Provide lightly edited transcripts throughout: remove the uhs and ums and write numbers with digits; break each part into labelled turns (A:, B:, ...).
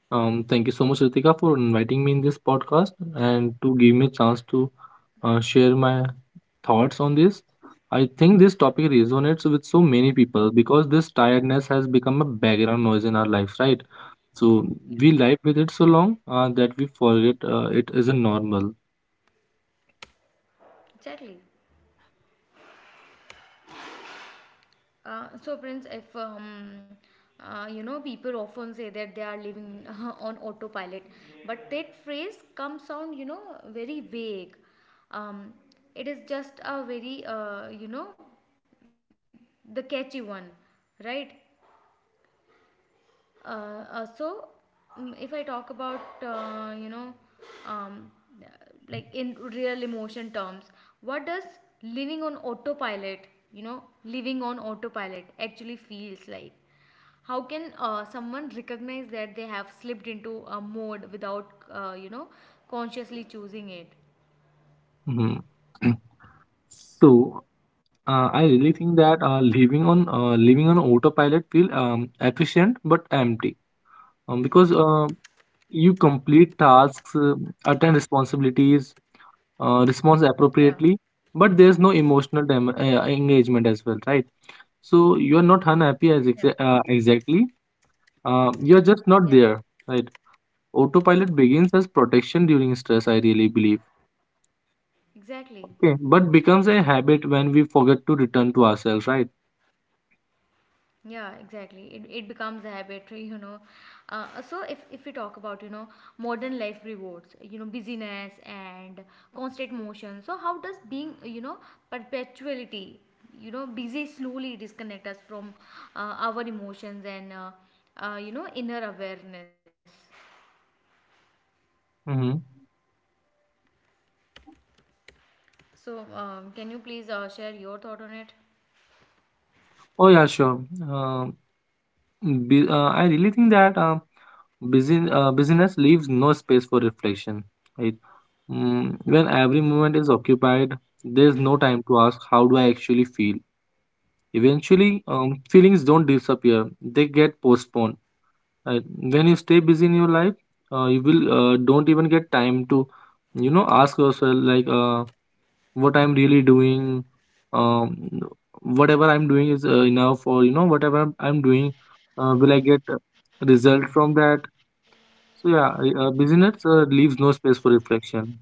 A: Thank you so much, Ritika, for inviting me in this podcast and to give me a chance to share my thoughts on this. I think this topic resonates with so many people because this tiredness has become a background noise in our lives, right? So we live with it so long, that we forget, it isn't normal. Mhm. So, I really think that living on autopilot feel efficient but empty, because you complete tasks, attend responsibilities, respond appropriately, but there's no emotional engagement as well, right? So you are not unhappy, exactly. You're just not there, right? Autopilot begins as protection during stress, I really believe. Okay, but becomes a habit when we forget to return to ourselves, right? Mm-hmm. Oh yeah, sure. Um I really think that, busyness leaves no space for reflection, right? When every moment is occupied, there's no time to ask, how do I actually feel? Eventually, feelings don't disappear, they get postponed. Right? When you stay busy in your life, you will, don't even get time to, ask yourself, like, what I'm really doing. um Whatever I'm doing is, enough? Or, whatever I'm doing, will I get a result from that? So yeah, busyness leaves no space for reflection.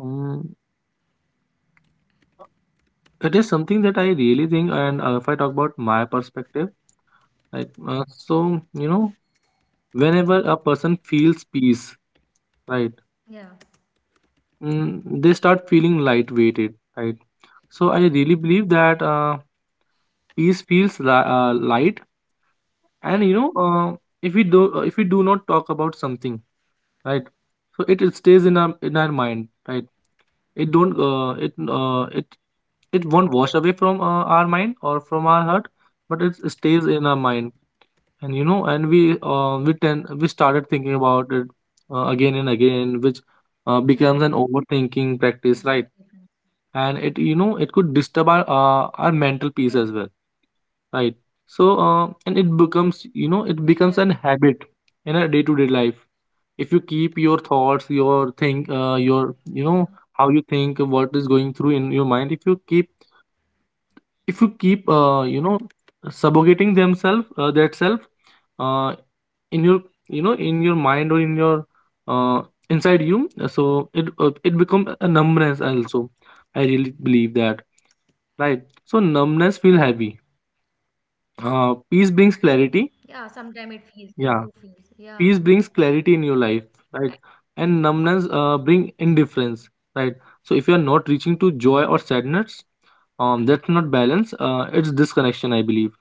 A: um, it is something that I really think. And if I talk about my perspective, right, so, whenever a person feels peace, right, they start feeling lightweighted, right. So I really believe that, peace feels light. And, if we do not talk about something, right. So it stays in our mind, right. It don't uh, it uh, it it won't wash away from our mind or from our heart, but it stays in our mind. And, we started thinking about it, again and again, which becomes an overthinking practice, right. And it you know it could disturb our, our mental peace as well, right. So, and it becomes an habit in a day to day life. If you keep your thoughts, your think your you know how you think, what is going through in your mind, if you keep, if you keep uh, you know subjugating themselves, that self, uh, in your, in your mind, or in your, uh, inside you, so it becomes a numbness also, I really believe that, right. So numbness feel heavy, peace brings clarity. Yeah, peace brings clarity in your life, right. And numbness bring indifference, right. So if you are not reaching to joy or sadness, that's not balance, it's disconnection, I believe.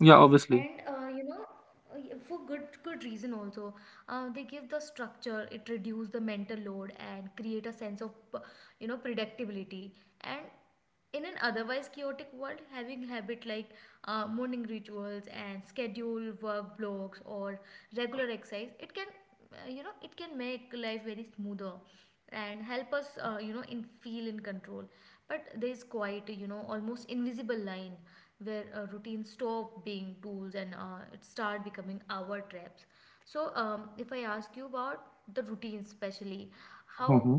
A: Yeah, obviously. Hmm.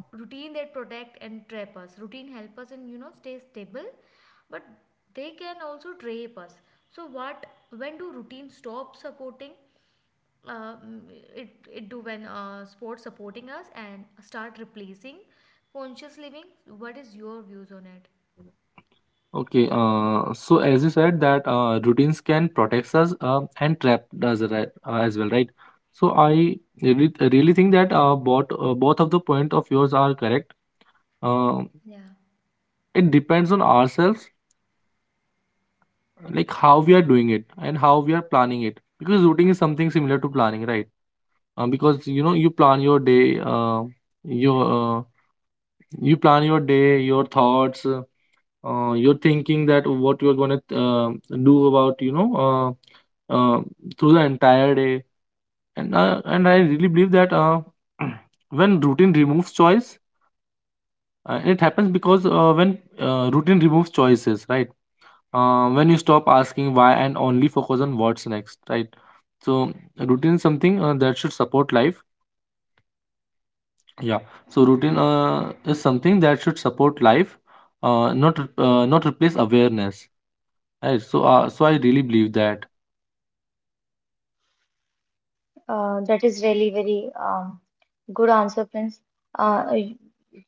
A: Okay, so as you said that, routines can protect us, and trap us, right, as well, right. So I really, really think that, both of the point of yours are correct. uh, it depends on ourselves, like how we are doing it and how we are planning it, because routing is something similar to planning, right. Because, you plan your day, your uh, you plan your day, your thoughts, your thinking, that what you're going to, do about, uh, through the entire day. And I really believe that, when routine removes choice, it happens because, when routine removes choices, right. When you stop asking why and only focus on what's next, right. So routine is something that should support life. Yeah. So routine, is something that should support life, not replace awareness. Right. So I really believe that.
B: That is really very good answer, Prince. Uh, y-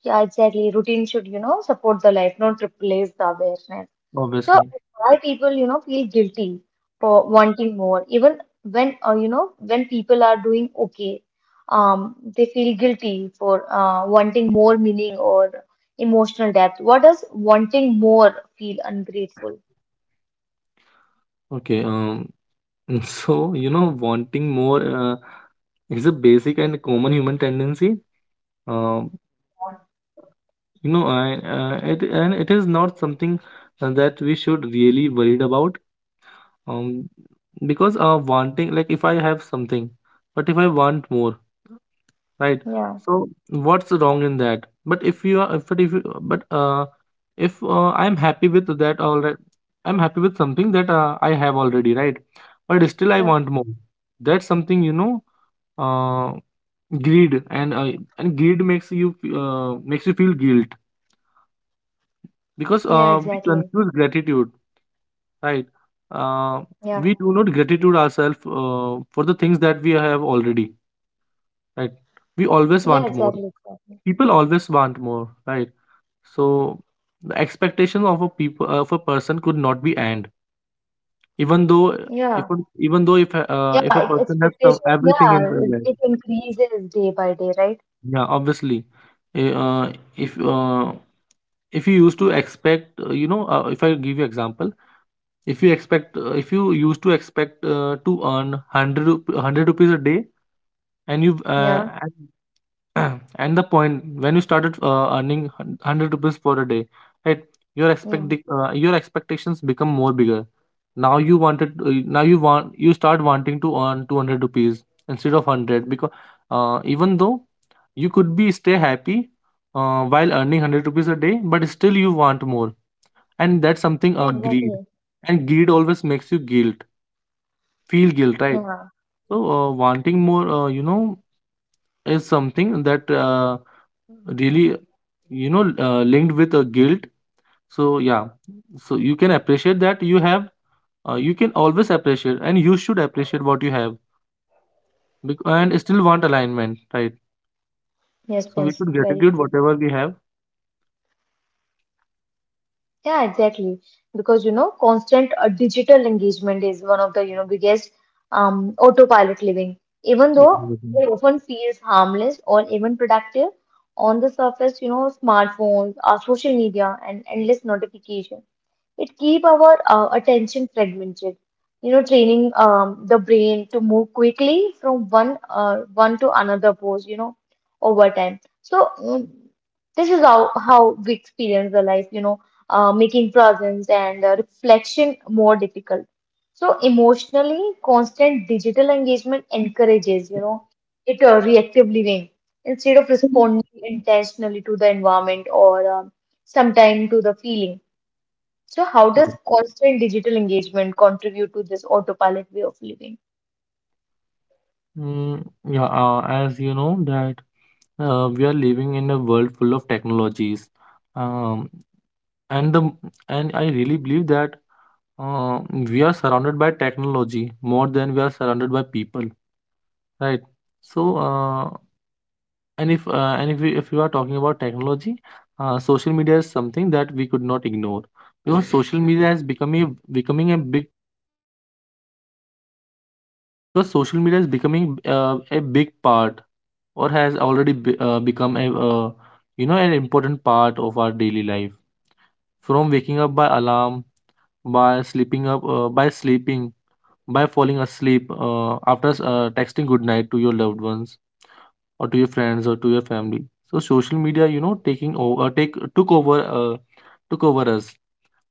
B: yeah, exactly. Routine should, you know, support the life, not replace the awareness. So
A: Obviously.
B: why people, you know, feel guilty for wanting more, even when, you know, when people are doing okay, they feel guilty for wanting more meaning or emotional depth. What does wanting more feel ungrateful
A: Okay. So, wanting more is a basic and common human tendency. Um.
B: for?
A: I, it is not something, that we should really worried about. Um. Because, wanting, like, if I have something, but if I want more, right?
B: Yeah,
A: So what's wrong in that? But if you are if you but if I'm happy with that already. I'm happy with something that, I have already, right. But still I want
B: yeah,
A: more. That's something, uh greed. And greed makes you, makes you feel guilt, because,
B: yeah,
A: we
B: exactly.
A: confuse gratitude, right. uh,
B: Yeah,
A: we do not gratitude ourselves, for the things that we have already, right. We always
B: yeah,
A: want more.
B: exactly, exactly.
A: People always want more, right. So the expectation of a people of a person could not be end, even though,
B: Yeah.
A: if a- even though,
B: Yeah,
A: if a person has some
B: expectation.
A: everything
B: Yeah,
A: in their
B: it,
A: life,
B: it increases day by day, right?
A: yeah, obviously. eh, uh, if uh, if you used to expect, if I give you example, if you used to expect, to earn hundred rupees a day, and you,
B: Yeah,
A: and the point when you started, earning 100 rupees for a day, right.
B: yeah,
A: Your expectations become more bigger. Now you want, you start wanting to earn 200 rupees instead of 100, because, even though you could be stay happy, while earning 100 rupees a day, but still you want more, and that's something,
B: yeah,
A: greed.
B: exactly.
A: And greed always makes you, guilt feel guilt, right.
B: Yeah,
A: So, wanting more, is something that, really, linked with a guilt. So yeah, so you can appreciate that you have, you can always appreciate, and you should appreciate what you have, and still want alignment, right.
B: yes,
A: So we
B: yes,
A: should
B: very
A: gratitude
B: true.
A: whatever we have.
B: Yeah, exactly. Because you know, constant digital engagement is one of the you know biggest autopilot living. Even though
A: Mhm.
B: it often feels harmless or even productive on the surface, you know, smartphones, our social media, and endless notification. It keep our attention fragmented, you know, training the brain to move quickly from one to another pose, you know, over time. So this is how we experience the life, you know, making presence and reflection more difficult. So emotionally, constant digital engagement encourages, you know, it reactive living instead of responding intentionally to the environment or sometime to the feeling. So, how does
A: Okay.
B: constant digital engagement contribute to this autopilot way of living?
A: Yeah, as you know that, we are living in a world full of technologies, um, and the and I really believe that, we are surrounded by technology more than we are surrounded by people, right? So, and if you are talking about technology, social media is something that we could not ignore, because social media has become a becoming a big because social media is becoming, a big part, or has become a you know an important part of our daily life. From waking up by alarm, by sleeping up, by sleeping, by falling asleep, after, texting good night to your loved ones, or to your friends, or to your family. So social media, taking over, take took over us.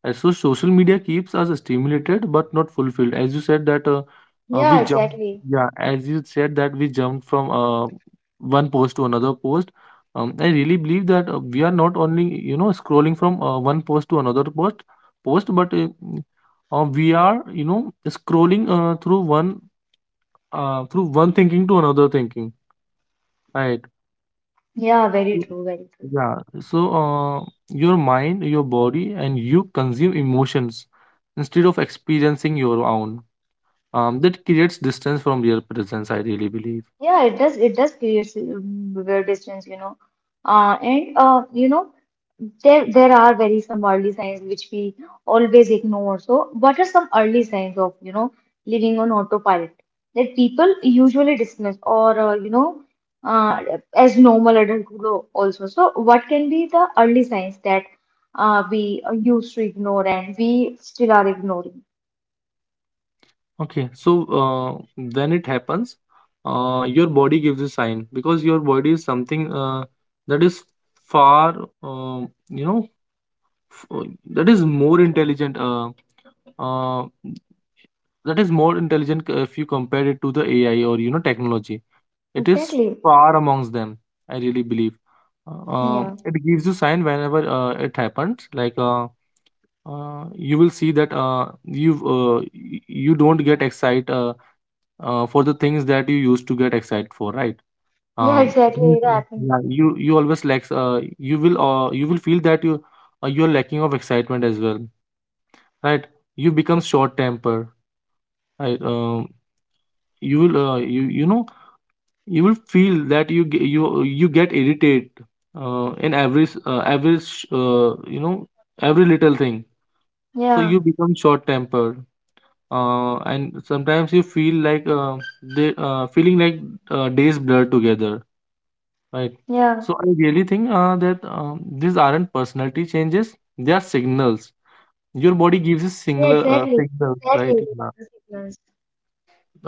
A: And so social media keeps us stimulated but not fulfilled, as you said that,
B: Yeah,
A: we jump
B: exactly.
A: yeah, as you said, that we jumped from, one post to another post. I really believe that, we are not only, scrolling from, one post to another post, but, we are, scrolling, through one thinking to another thinking, right.
B: Yeah, very
A: So.
B: true, very true.
A: Yeah, so, your mind, your body, and you consume emotions instead of experiencing your own. That creates distance from real presence, I really believe.
B: Yeah, it does. It does create weird distance, you know. And you know, there are very some early signs which we always ignore. So, what are some early signs of, you know, living on autopilot that people usually dismiss or you know, uh, as normal adulthood also. So, what can be the early signs that we used to ignore and we still are ignoring?
A: Okay, so, when it happens, your body gives a sign, because your body is something, that is far, um, you know, f- uh, that is more intelligent. Uh, if you compare it to the AI, or, technology, it is
B: Exactly.
A: far amongst them, I really believe.
B: Yeah.
A: It gives you sign whenever, it happens. Like, uh, you will see that, you uh, y- you don't get excited, for the things that you used to get excited for, right?
B: Yeah.
A: It
B: Exactly. It
A: means,
B: happened.
A: yeah, you always lacks. You will feel that you are lacking of excitement as well, right? You become short temper, right? You will you you know you will feel that you you get irritated in every every every little thing, so you
B: Yeah.
A: become short tempered, and sometimes you feel like they feeling like days blur together, right.
B: Yeah.
A: So I really think that these aren't personality changes, they are signals your body gives you
B: Yeah,
A: singular
B: exactly.
A: signals,
B: Exactly.
A: right?
B: It
A: Yeah,
B: does influence.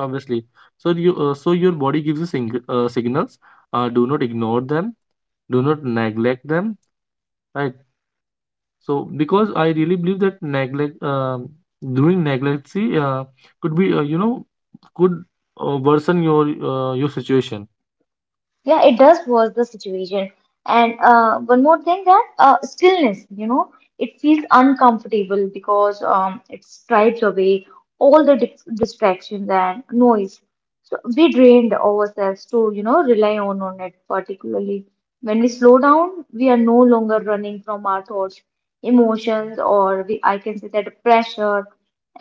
A: obviously. So you so your body gives you signals. Do not ignore them, do not neglect them, right? So because I really believe that neglect, doing neglect, see, could be, could worsen your situation.
B: Yeah, it does worse the situation. And one more thing that stillness, you know, it feels uncomfortable because it strips away all the distractions and noise. So we drained ourselves to, you know, rely on it particularly. When we slow down, we are no longer running from our thoughts, emotions, or we, I can say that pressure.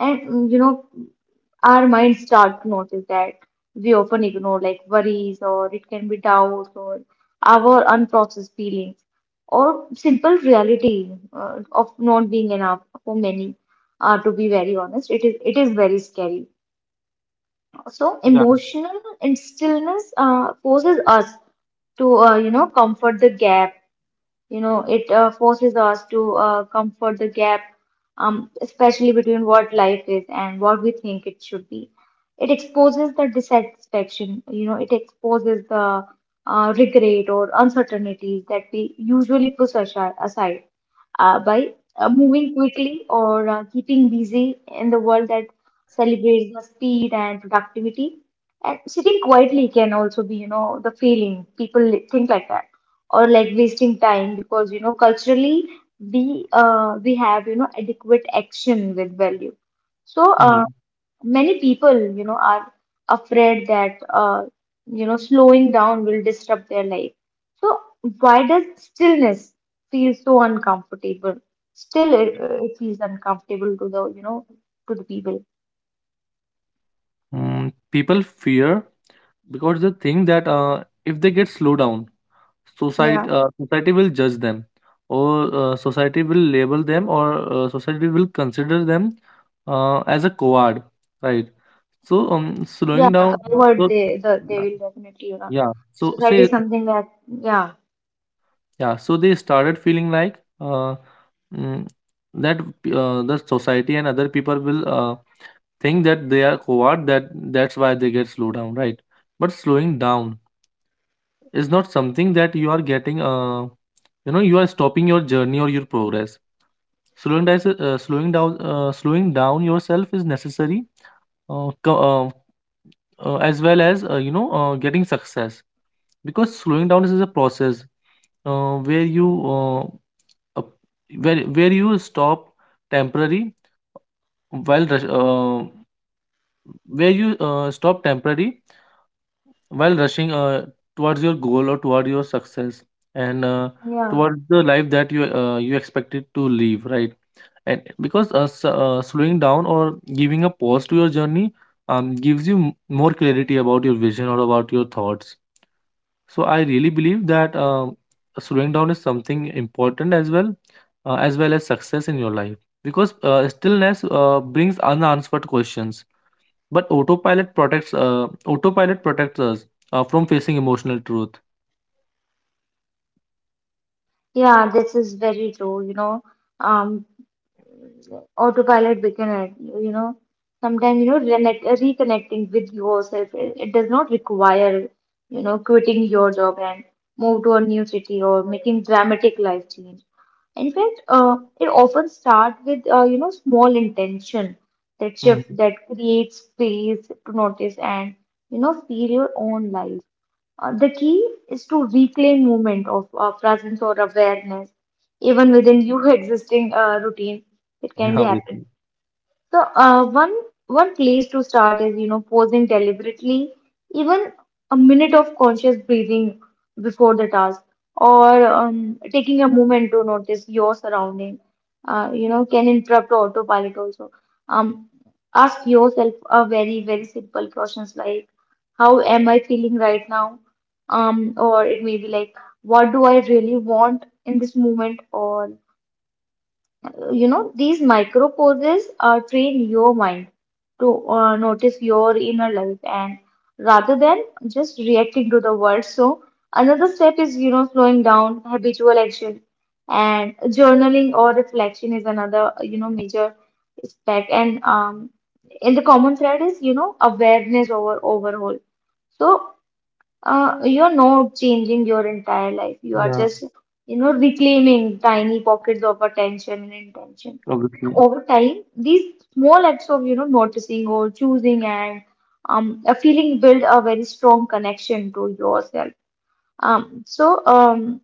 B: And, you know, our minds start to notice that. We often ignore, like worries, or it can be doubts, or our unprocessed feelings, or simple reality of not being enough for many. To be very honest, it is very scary. So
A: Yeah.
B: emotional and stillness forces us to you know comfort the gap, you know, it forces us to comfort the gap, especially between what life is and what we think it should be. It exposes the dissatisfaction, you know, it exposes the regret or uncertainties that we usually push aside by moving quickly or keeping busy in the world that celebrates the speed and productivity. And sitting quietly can also be, you know, the feeling. People think like that or like wasting time because you know culturally we have you know adequate action with value. So
A: Mhm.
B: many people you know are afraid that you know slowing down will disrupt their life. So why does stillness feel so uncomfortable? Still, it feels uncomfortable to the you know to the people.
A: Mm, people fear because they think that if they get slowed down,
B: Yeah.
A: society society will judge them, or society will label them, or society will consider them as a coward, right? So um, slowing
B: Yeah,
A: down,
B: coward
A: so
B: they will definitely you know
A: yeah, so
B: society
A: say,
B: is something that yeah
A: yeah, so they started feeling like mm, that the society and other people will think that they are coward, that that's why they get slowed down, right? But slowing down is not something that you are getting, you are stopping your journey or your progress. Slowing down, slowing down yourself is necessary, uh, co- uh, as well as getting success, because slowing down is a process where you uh, where you stop temporary while rush- where you stop temporary while rushing towards your goal or toward your success, and
B: yeah.
A: towards the life that you you expected to live, right? And because slowing down, or giving a pause to your journey, gives you more clarity about your vision or about your thoughts. So I really believe that slowing down is something important as well, as well as success in your life. Because stillness brings unanswered questions, but autopilot protects, autopilot protects us from facing emotional truth.
B: Yeah, this is very true. You know, um, autopilot beginner, you know, sometimes, you know, reconnecting with yourself, it does not require, you know, quitting your job and move to a new city or making dramatic life change. In fact, it often starts with, you know, small intention, that
A: Mhm.
B: shift that creates space to notice and, you know, feel your own life. The key is to reclaim moment of presence or awareness even within your existing routine. It
A: Yeah,
B: can be happen.
A: obviously.
B: So one place to start is you know posing deliberately, even a minute of conscious breathing before the task or taking a moment to notice your surrounding, you know, can interrupt autopilot also. um, Ask yourself a very very simple questions like how am I feeling right now, or it may be like what do I really want in this moment, or you know these micro pauses train your mind to notice your inner life and rather than just reacting to the world. So another step is you know slowing down habitual action, and journaling or reflection is another you know major aspect. And in the common thread is you know awareness over overhaul. So you're not changing your entire life. You are
A: Yeah,
B: just, you know, reclaiming tiny pockets of attention and intention.
A: obviously.
B: Over time, these small acts of, you know, noticing or choosing and a feeling build a very strong connection to yourself. So,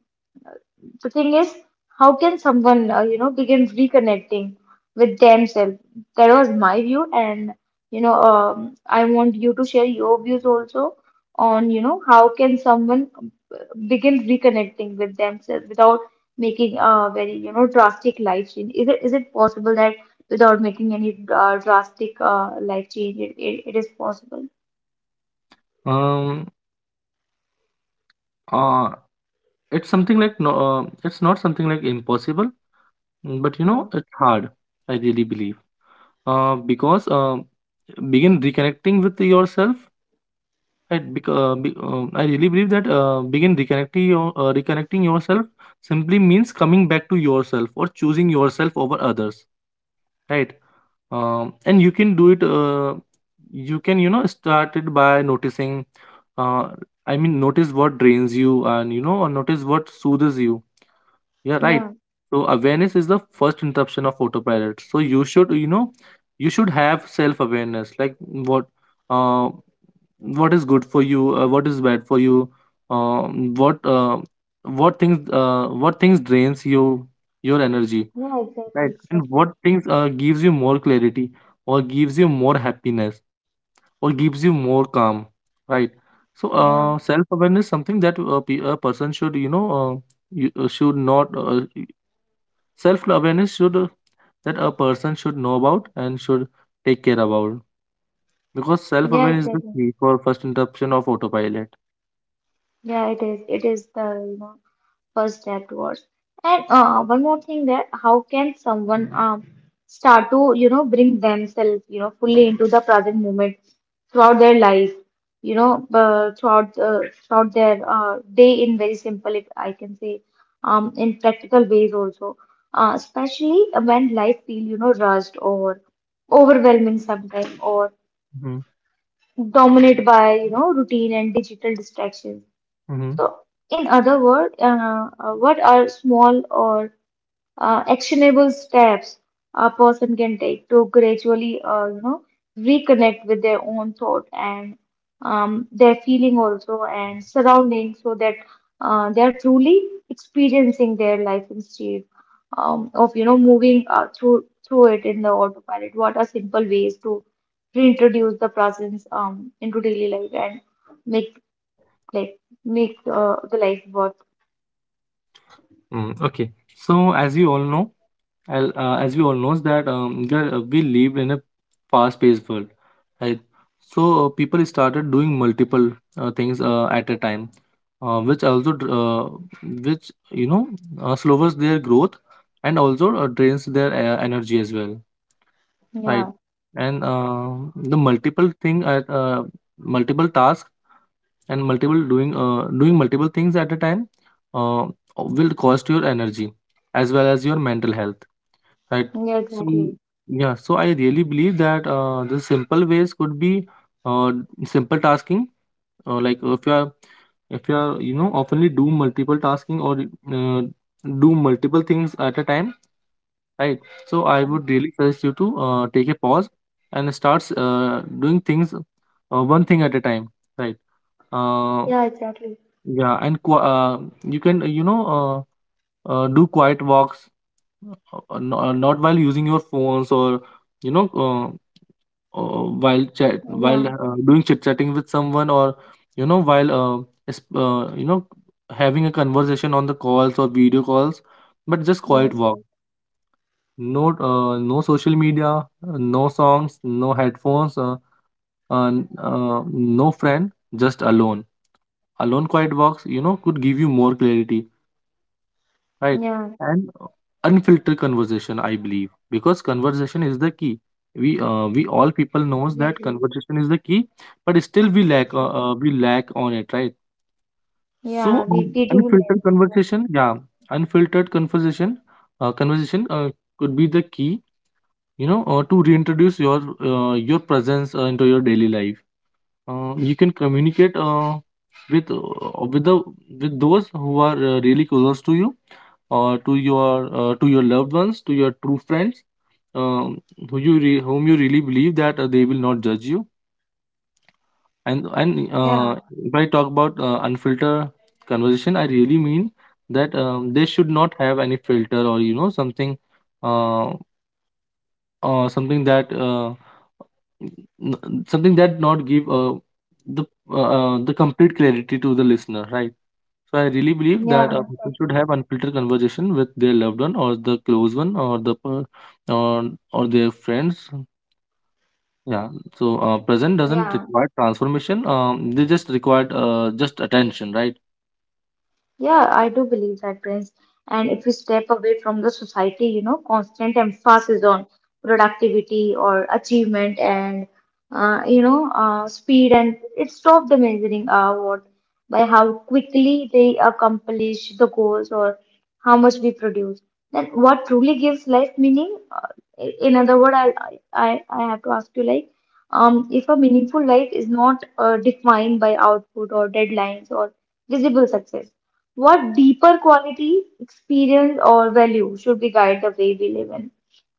B: the thing is, how can someone, you know, begin reconnecting with themselves? That was my view, and you know, I want you to share your views also on, you know, how can someone begin reconnecting with themselves without making a very, you know, drastic life change? Is it possible that without making any drastic life change, it is possible?
A: Um, uh, it's something like no, it's not something like impossible, mm, but you
B: Yeah.
A: know, it's hard. I really believe. Because begin reconnecting with yourself. Right, because I really believe that begin reconnecting your, reconnecting yourself simply means coming back to yourself or choosing yourself over others, right? And you can do it. You can, you know, start it by noticing. Uh, I mean, notice what drains you, and, you know, or notice what soothes you. Yeah, right.
B: Yeah,
A: So awareness is the first interruption of autopilot. So you should, you know, you should have self awareness, like what. uh, what is good for you, what is bad for you, um, what uh, what things, what things drains you, your energy,
B: yeah, exactly,
A: right? And
B: exactly.
A: what things gives you more clarity, or gives you more happiness, or gives you more calm, right? So
B: Yeah,
A: self awareness something that a, a person should, you know, should not self awareness should, that a person should know about and should take care about, because self
B: yeah,
A: awareness is the
B: exactly.
A: key for first interruption of autopilot.
B: Yeah, it is. It is the, you know, first afterwards. And one more thing that how can someone start to you know bring themselves you know fully into the present moment throughout their life, you know throughout their day in very simple if I can say, in practical ways also, especially when life feel you know rushed or overwhelming sometimes or dominated by you know routine and digital distractions.
A: Mhm.
B: So, in other words, what are small or actionable steps a person can take to gradually, you know, reconnect with their own thought and their feeling also and surrounding so that they are truly experiencing their life instead of, you know, moving through it in the autopilot. What are simple ways to reintroduce the presence into daily life and make like make the life worth.
A: Mm, okay. So as you all know, as we all knows that we lived in a fast-paced world, right? So people started doing multiple things at a time, uh, which also dr- uh, which, you know, slows their growth, and also drains their energy as well,
B: Yeah,
A: right? And the multiple thing at multiple task, and multiple doing doing multiple things at a time, uh, will cost your energy as well as your mental health, right?
B: yeah,
A: So
B: exactly.
A: yeah, so I really believe that the simple ways could be, uh, simple tasking, like if you are, if you are, you know, oftenly do multiple tasking, or uh, do multiple things at a time, right? So I would really suggest you to take a pause, and starts doing things one thing at a time, right? Uh,
B: Yeah, exactly.
A: yeah, and you can, do quiet walks, not while using your phones, or, you know, while chat
B: Yeah,
A: while doing chit chatting with someone, or, you know, while is- uh, you know having a conversation on the calls or video calls, but just quiet
B: yes, yes.
A: walk. No no social media, no songs, no headphones, no friend, just alone. Alone quiet walks, you know, could give you more clarity. Right.
B: Yeah,
A: And unfiltered conversation, I believe, because conversation is the key. We all people knows that
B: exactly.
A: conversation is the key, but still we lack,
B: Exactly.
A: we lack on it, right?
B: Yeah,
A: So Mm,
B: we do
A: unfiltered
B: less.
A: conversation, yeah, unfiltered conversation, conversation could be the key, you know, to reintroduce your presence into your daily life. You can communicate with uh, with the, with those who are really close to you, or to your, to your loved ones, to your true friends, um, who you whom you really believe that they will not judge you. And
B: Yeah,
A: if I talk about unfiltered conversation, I really mean that they should not have any filter, or, you know, something, uh, something that, something that not give the the complete clarity to the listener, right? So I really
B: yeah,
A: believe
B: yeah,
A: that people
B: exactly.
A: should have unfiltered conversation with their loved one, or the close one, or the or their friends, yeah. So present doesn't
B: Yeah,
A: require transformation, they just require, just attention, right?
B: yeah, I do believe that, Prince. And if we step away from the society, you know, constant emphasis on productivity or achievement and, you know, speed, and it stops the measuring what by how quickly they accomplish the goals or how much we produce. Then what truly gives life meaning? In other words, I have to ask you like, if a meaningful life is not defined by output or deadlines or visible success, what deeper quality, experience, or value should we guide the way we live in?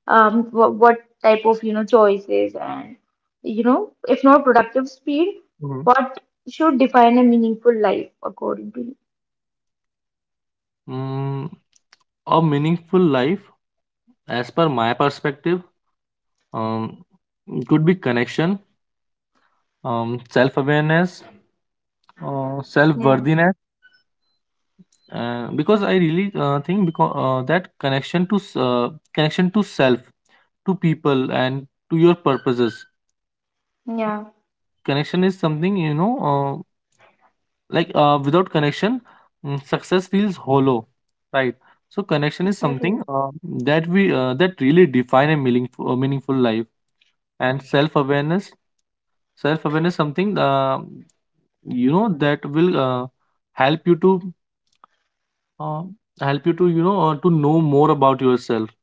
B: What type of you know choices and you know, if not productive speed,
A: Mhm.
B: what should define a meaningful life according to you?
A: Mm, a meaningful life, as per my perspective, um, could be connection, self-awareness,
B: Yeah,
A: self-worthiness, because I really think because that connection to, connection to self, to people, and to your purposes.
B: yeah,
A: Connection is something, you know, without connection, mm, success feels hollow, right? So connection is something
B: exactly.
A: that we, that really define a meaningful life, and self awareness. Self awareness something, that will, help you to uh, help you to, you know, to know more about yourself,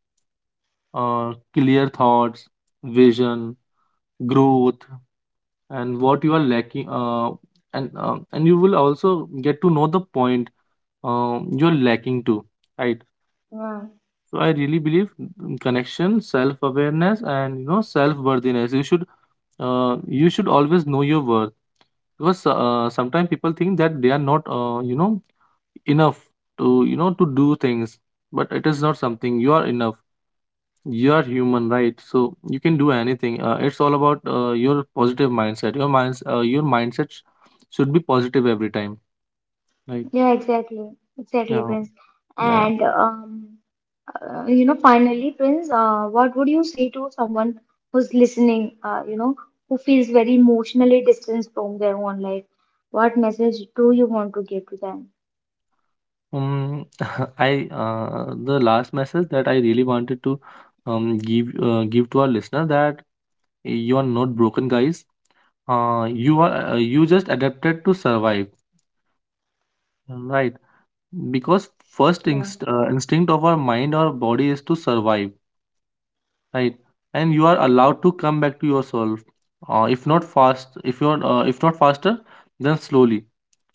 A: clear thoughts, vision, growth, and what you are lacking. And um, and you will also get to know the point, you're lacking to, right?
B: Yeah.
A: So I really believe, mm, connection, self-awareness, and, you know, self-worthiness. You should, you should always know your worth, because sometimes people think that they are not, enough to, you know, to do things, but it is not something, you are enough. You are human, right? So you can do anything. It's all about your positive mindset. Your minds, your mindset should be positive every time, right?
B: Yeah, exactly, exactly,
A: Yeah,
B: Prince.
A: yeah.
B: And you know, finally, Prince, what would you say to someone who's listening, you know, who feels very emotionally distanced from their own life? What message do you want to give to them?
A: Um, I the last message that I really wanted to give, give to our listener, that you are not broken, guys. You are, you just adapted to survive, right? Because first
B: Yeah.
A: instinct of our mind or body is to survive, right? And you are allowed to come back to yourself, if not fast, if you're, if not faster, then slowly,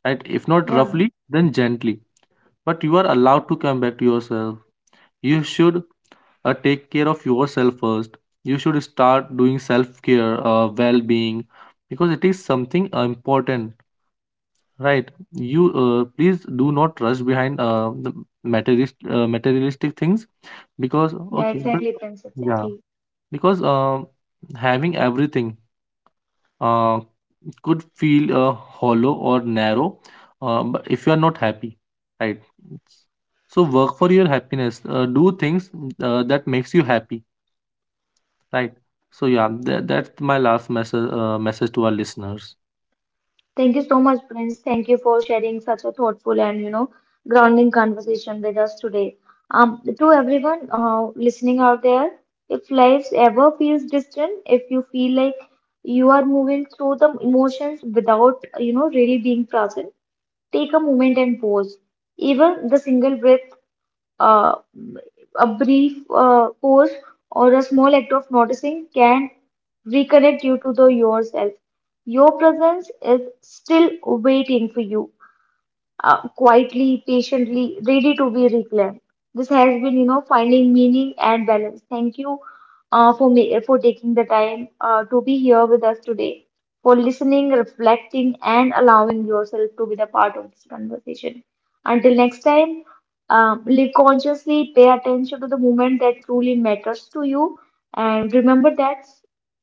A: right? If not
B: Yeah,
A: roughly, then gently, but you are allowed to come back to yourself. You should, take care of yourself first. You should start doing self care, well being, because it is something important, right? You, please do not rush behind the materialist, materialistic things, because,
B: yeah,
A: okay, but
B: exactly, Prince,
A: yeah,
B: exactly.
A: because having everything uh, could feel hollow or narrow, but if you are not happy, right? So work for your happiness, do things that makes you happy, right? So yeah, that, that's my last message to our listeners.
B: Thank you so much, Prince. Thank you for sharing such a thoughtful and, you know, grounding conversation with us today. To everyone listening out there, if life ever feels distant, if you feel like you are moving through the emotions without, you know, really being present, take a moment and pause. Even the single breath, uh, a brief pause or a small act of noticing can reconnect you to the yourself. Your presence is still waiting for you, quietly, patiently, ready to be reclaimed. This has been, you know, finding meaning and balance. Thank you for me, for taking the time to be here with us today, for listening, reflecting, and allowing yourself to be the part of this conversation. Until next time, live consciously, pay attention to the moment that truly matters to you, and remember that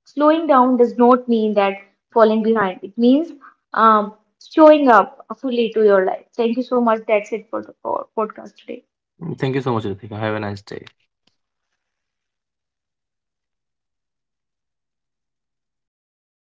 B: slowing down does not mean that falling behind. It means um, showing up fully to your life. Thank you so much. That's it for the podcast today.
A: Thank you so much, Ritika, have a nice day.